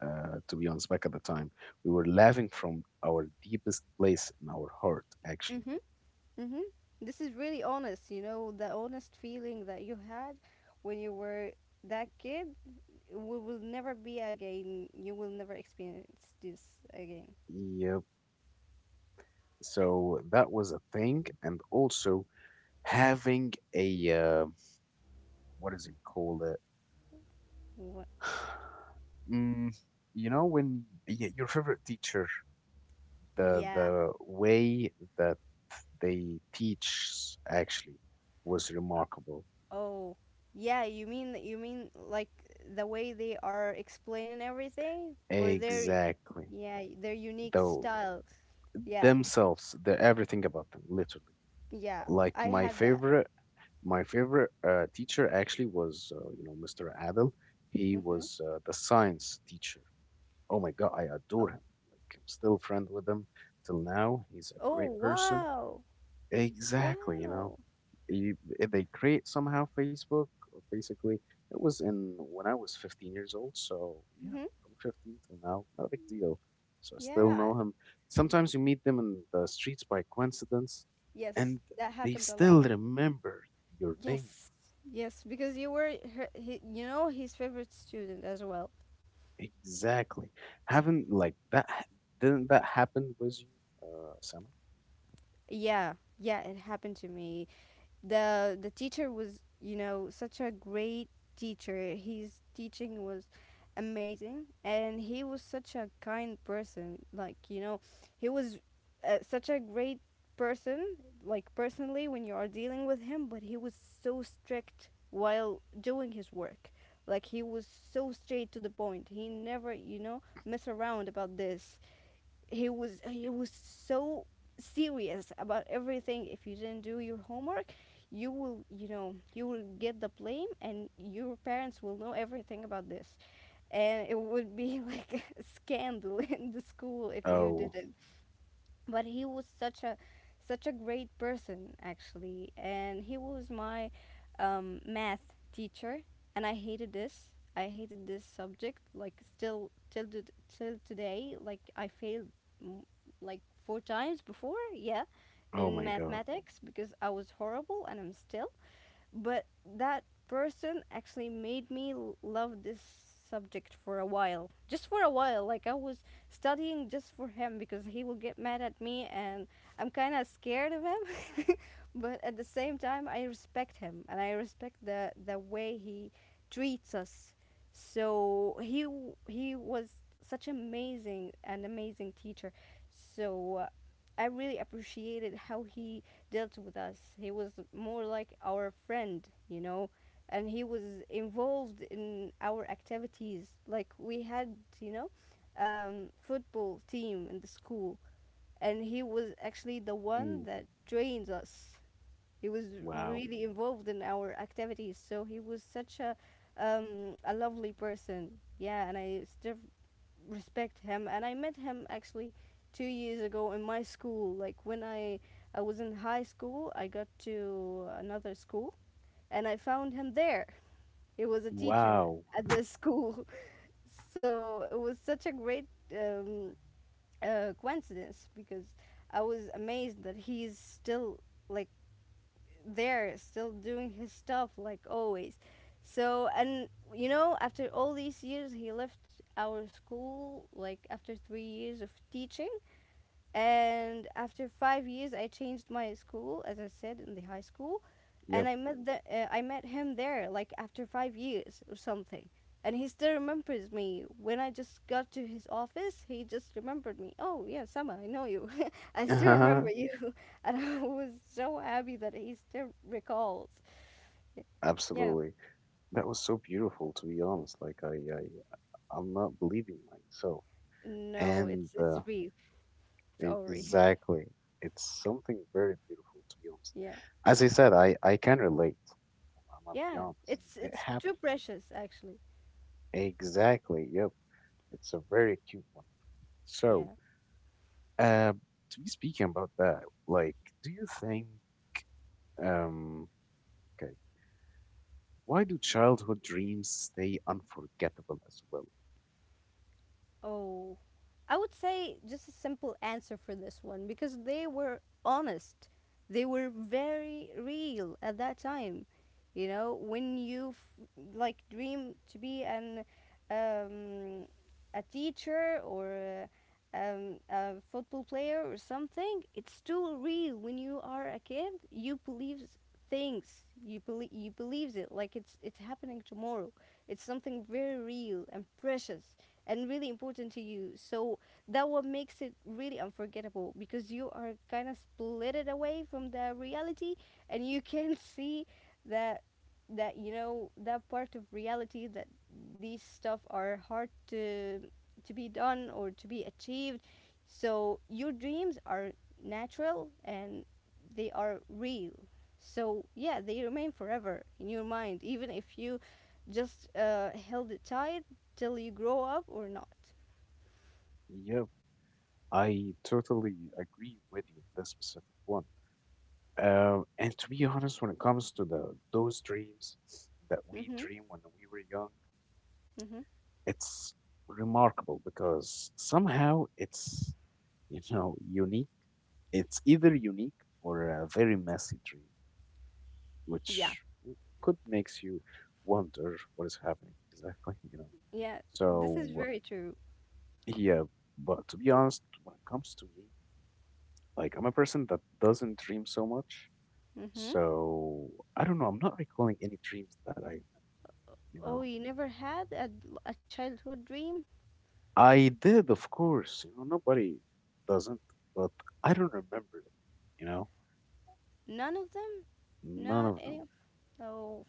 S1: uh, to be honest, back at the time. We were laughing from our deepest place in our heart, actually.
S2: Mm-hmm. Mm-hmm. This is really honest, you know, the honest feeling that you had when you were that kid. We will never be again. You will never experience this again.
S1: Yep. So that was a thing. And also having a, uh, what is it called? Uh,
S2: What?
S1: mm, you know, when y- your favorite teacher, the
S2: Yeah.
S1: the way that they teach actually was
S2: Uh,
S1: remarkable.
S2: oh. Yeah, you mean you mean like the way they are explaining everything, or their
S1: Exactly.
S2: yeah, their unique
S1: Though
S2: style. Yeah.
S1: themselves, they're everything about them, literally.
S2: Yeah.
S1: Like
S2: I
S1: my
S2: had that.
S1: favorite, my favorite uh, teacher actually was, uh, you know, Mister Adel. He
S2: Mhm.
S1: was uh, the science teacher. Oh my God, I
S2: Oh.
S1: adore him. Like I'm still friend with him till now. He's a
S2: Oh,
S1: great person.
S2: wow.
S1: Exactly, you know.
S2: Wow.
S1: You, if they create somehow Facebook, uh, basically, it was in when I was fifteen years old. So yeah,
S2: Mhm.
S1: from fifteen till now, not a big deal. So I still
S2: Yeah. I-
S1: know him. Sometimes you meet them in the streets by coincidence,
S2: Yes,
S1: and
S2: that
S1: they
S2: happens a lot.
S1: still remember your name
S2: Yes. Yes, because you were her, he, you know, his favorite student as well.
S1: exactly. Haven't like that? ha- Didn't that happen with you, uh, Sama?
S2: Yeah, yeah, it happened to me. The the teacher was, you know, such a great teacher. His teaching was amazing, and he was such a kind person. Like, you know, he was uh, such a great person, like, personally when you are dealing with him, but he was so strict while doing his work. Like he was so straight to the point. He never, you know, mess around about this. He was he was so serious about everything. If you didn't do your homework, you will you know, you will get the blame, and your parents will know everything about this. And it would be like a scandal in the school if you
S1: Oh,
S2: didn't. But he was such a such a great person, actually, and he was my um, math teacher, and i hated this I hated this subject like still till to, till today. Like I failed mm, like four times before, yeah,
S1: oh
S2: in
S1: my God!
S2: mathematics, because I was horrible, and I'm still. But that person actually made me l- love this subject for a while, just for a while. Like I was studying just for him, because he will get mad at me, and I'm kind of scared of him but at the same time I respect him, and I respect the the way he treats us. So he w- he was such amazing, an amazing teacher. So uh, I really appreciated how he dealt with us. He was more like our friend, you know, and he was involved in our activities. Like we had, you know, um, football team in the school, and he was actually the
S1: Mm,
S2: one that trained us. He was
S1: wow,
S2: really involved in our activities, so he was such a um, a lovely person. Yeah, and I still respect him, and I met him actually two years ago in my school, like when i i was in high school, I got to another school, and I found him there. He was a teacher
S1: wow.
S2: at this school. So it was such a great um, uh, coincidence, because I was amazed that he's still like there, still doing his stuff like always. So, and you know, after all these years, he left our school like after three years of teaching, and after five years I changed my school, as I said, in the high school, and
S1: Yep.
S2: I met the uh, I met him there like after five years or something, and he still remembers me. When I just got to his office, he just remembered me, oh yeah, Sama, I know you, I still remember you. And I was so happy that he still recalls. Yeah.
S1: Absolutely. That was so beautiful, to be honest. Like I, I, I'm not believing myself.
S2: No, it's
S1: And
S2: it's
S1: uh,
S2: reef. It's all reef.
S1: exactly, it's something very beautiful, to be honest.
S2: Yeah.
S1: As I said, I, I can relate. I'm gonna be
S2: Yeah,
S1: honest.
S2: it's
S1: It
S2: it's
S1: happened.
S2: too precious, actually.
S1: Exactly. Yep. It's a very cute one. So,
S2: Yeah.
S1: uh, to be speaking about that, like, do you think, um, okay, why do childhood dreams stay unforgettable as well?
S2: Oh, I would say just a simple answer for this one, because they were honest. They were very real at that time. You know, when you f- like dream to be an um, a teacher or uh, um, a football player or something, it's too real. When you are a kid, you believe s- things you believe, you believes it, like it's it's happening tomorrow. It's something very real and precious, and really important to you. So that what makes it really unforgettable, because you are kind of split it away from the reality, and you can see the, that, you know, that part of reality, that these stuff are hard to to be done or to be achieved. So your dreams are natural, and they are real. So yeah, they remain forever in your mind, even if you just uh, held it tight till you grow up or not.
S1: Yep. I totally agree with you on this specific one. Uh, and to be honest, when it comes to the those dreams that we
S2: Mm-hmm,
S1: dream when we were young,
S2: mm-hmm.
S1: it's remarkable because somehow it's you know unique. It's either unique or a very messy dream,
S2: Yeah.
S1: which w- could makes you wonder what is happening exactly. You know.
S2: Yeah, this is
S1: So
S2: very true.
S1: yeah, but to be honest, when it comes to me, like I'm a person that doesn't dream so much.
S2: Mm-hmm.
S1: So I don't know. I'm not recalling any dreams that I, you know,
S2: Oh, you never had a, a childhood dream?
S1: I did, of course. You know, nobody doesn't, but I don't remember it. You know,
S2: None of them.
S1: none
S2: Not
S1: of
S2: any.
S1: them.
S2: Oh,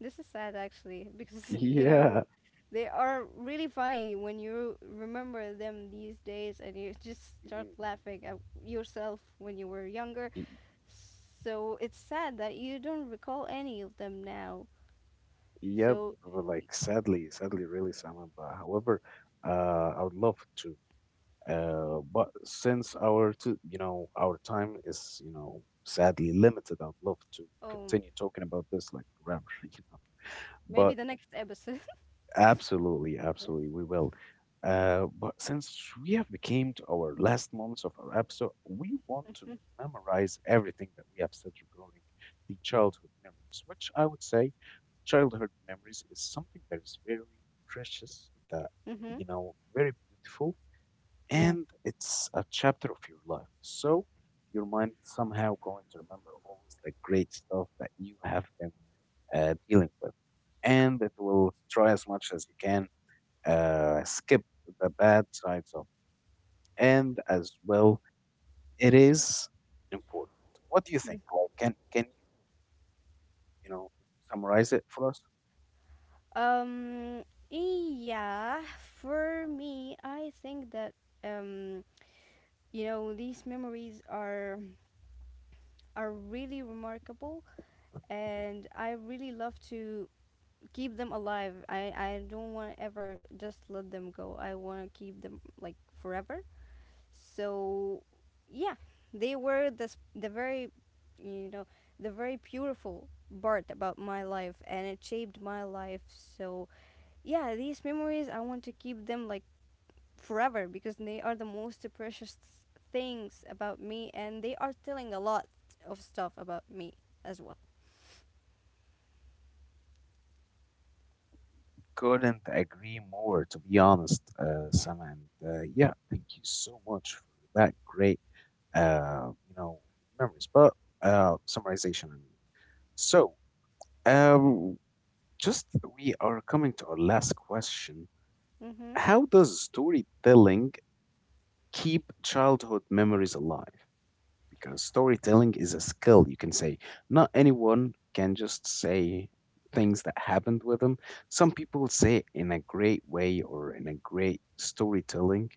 S2: this is sad actually, because you
S1: Yeah.
S2: know, they are really funny when you remember them these days, and you just start
S1: hmm
S2: laughing at yourself when you were younger.
S1: Y-
S2: So it's sad that you don't recall any of them now.
S1: Yep.
S2: So,
S1: But like, sadly, sadly, really, Simon. But however, uh, I would love to. Uh, but since our, t- you know, our time is, you know, sadly limited, I'd love to
S2: um,
S1: continue talking about this like forever. You know,
S2: maybe
S1: but
S2: the next episode.
S1: absolutely,
S2: Yeah.
S1: absolutely, we will. Uh, but since we have became to our last moments of our episode, we want to memorize everything that we have said regarding the childhood memories, which I would say childhood memories is something that is very precious, that,
S2: Mm-hmm.
S1: you know, very beautiful,
S2: Yeah.
S1: and it's a chapter of your life. So your mind somehow going to remember always the great stuff that you have been uh, dealing with, and it will try as much as you can uh, skip the bad sides of it. And as well, it is important. What do you think?
S2: Mm.
S1: Like, can can you you know summarize it for us?
S2: Um, yeah, for me, I think that um, you know, these memories are are really remarkable, and I really love to keep them alive. I, I don't want to ever just let them go. I want to keep them like forever. So, yeah, they were the s- the very, you know, the very beautiful part about my life, and it shaped my life. So, yeah, these memories I want to keep them like forever, because they are the most precious things about me, and they are telling a lot of stuff about me as well.
S1: Couldn't agree more, to be honest, uh,
S2: Yeah.
S1: Sam. And uh, yeah, thank you so much for that great uh, you know memories, but uh, summarization. I mean, so um, just we are coming to our last question.
S2: Mm-hmm.
S1: How does storytelling keep childhood memories alive? Because storytelling is a skill, you can say not anyone can just say things that happened with them. Some people say it in a great way or in a great storytelling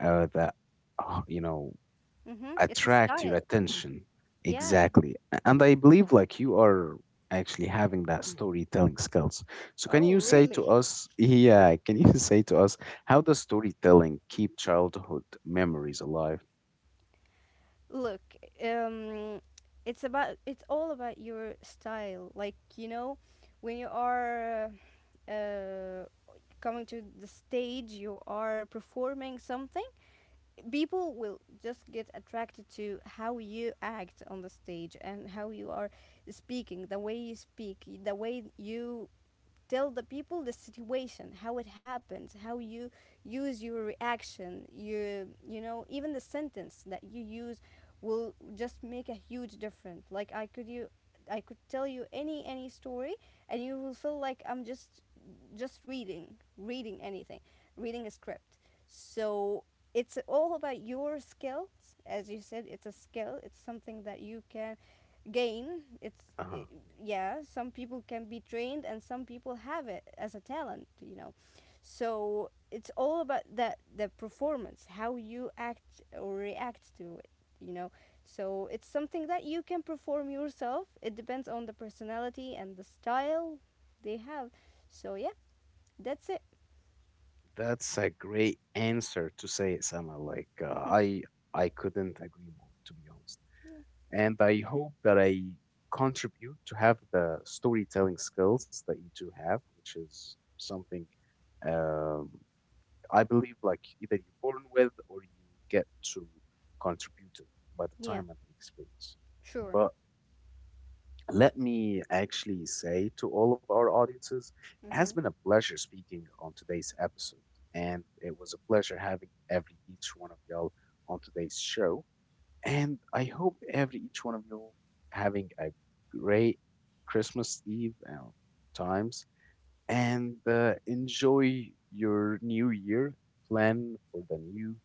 S1: uh, that uh, you know
S2: Mm-hmm. It's a
S1: attract your
S2: style.
S1: attention
S2: Yeah.
S1: exactly. A- and I believe like you are actually having that storytelling skills, so can
S2: Oh,
S1: you say
S2: really?
S1: to us? Yeah, can you say to us how does storytelling keep childhood memories alive?
S2: Look, um, it's about, it's all about your style. Like, you know, when you are uh, coming to the stage, you are performing something, people will just get attracted to how you act on the stage and how you are speaking, the way you speak, the way you tell the people the situation, how it happens, how you use your reaction, you you know, even the sentence that you use will just make a huge difference. Like I could you I could tell you any any story, and you will feel like I'm just just reading, reading anything, reading a script. So it's all about your skills. As you said, it's a skill, it's something that you can gain. It's i
S1: uh-huh.
S2: yeah, some people can be trained, and some people have it as a talent, you know. So it's all about that, the performance, how you act or react to it, you know. So it's something that you can perform yourself. It depends on the personality and the style they have. So yeah, that's it.
S1: That's a great answer to say it, Sama. Like uh, I I couldn't agree more, to be honest. And I hope that I contribute to have the storytelling skills that you two have, which is something um, I believe like either you're born with or you get to contribute it by the
S2: Yeah.
S1: time and the experience.
S2: Sure.
S1: But let me actually say to all of our audiences, it has
S2: Hmm.
S1: been a pleasure speaking on today's episode, and it was a pleasure having every each one of y'all on today's show. And I hope every each one of you having a great Christmas Eve uh, times and uh, enjoy your new year, plan for the new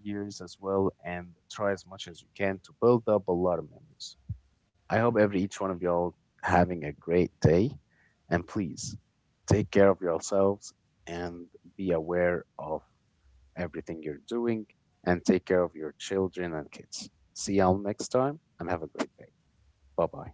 S1: years as well, and try as much as you can to build up a lot of memories. I hope every each one of y'all having a great day, and please take care of yourselves and be aware of everything you're doing and take care of your children and kids. See y'all next time and have a great day. Bye bye.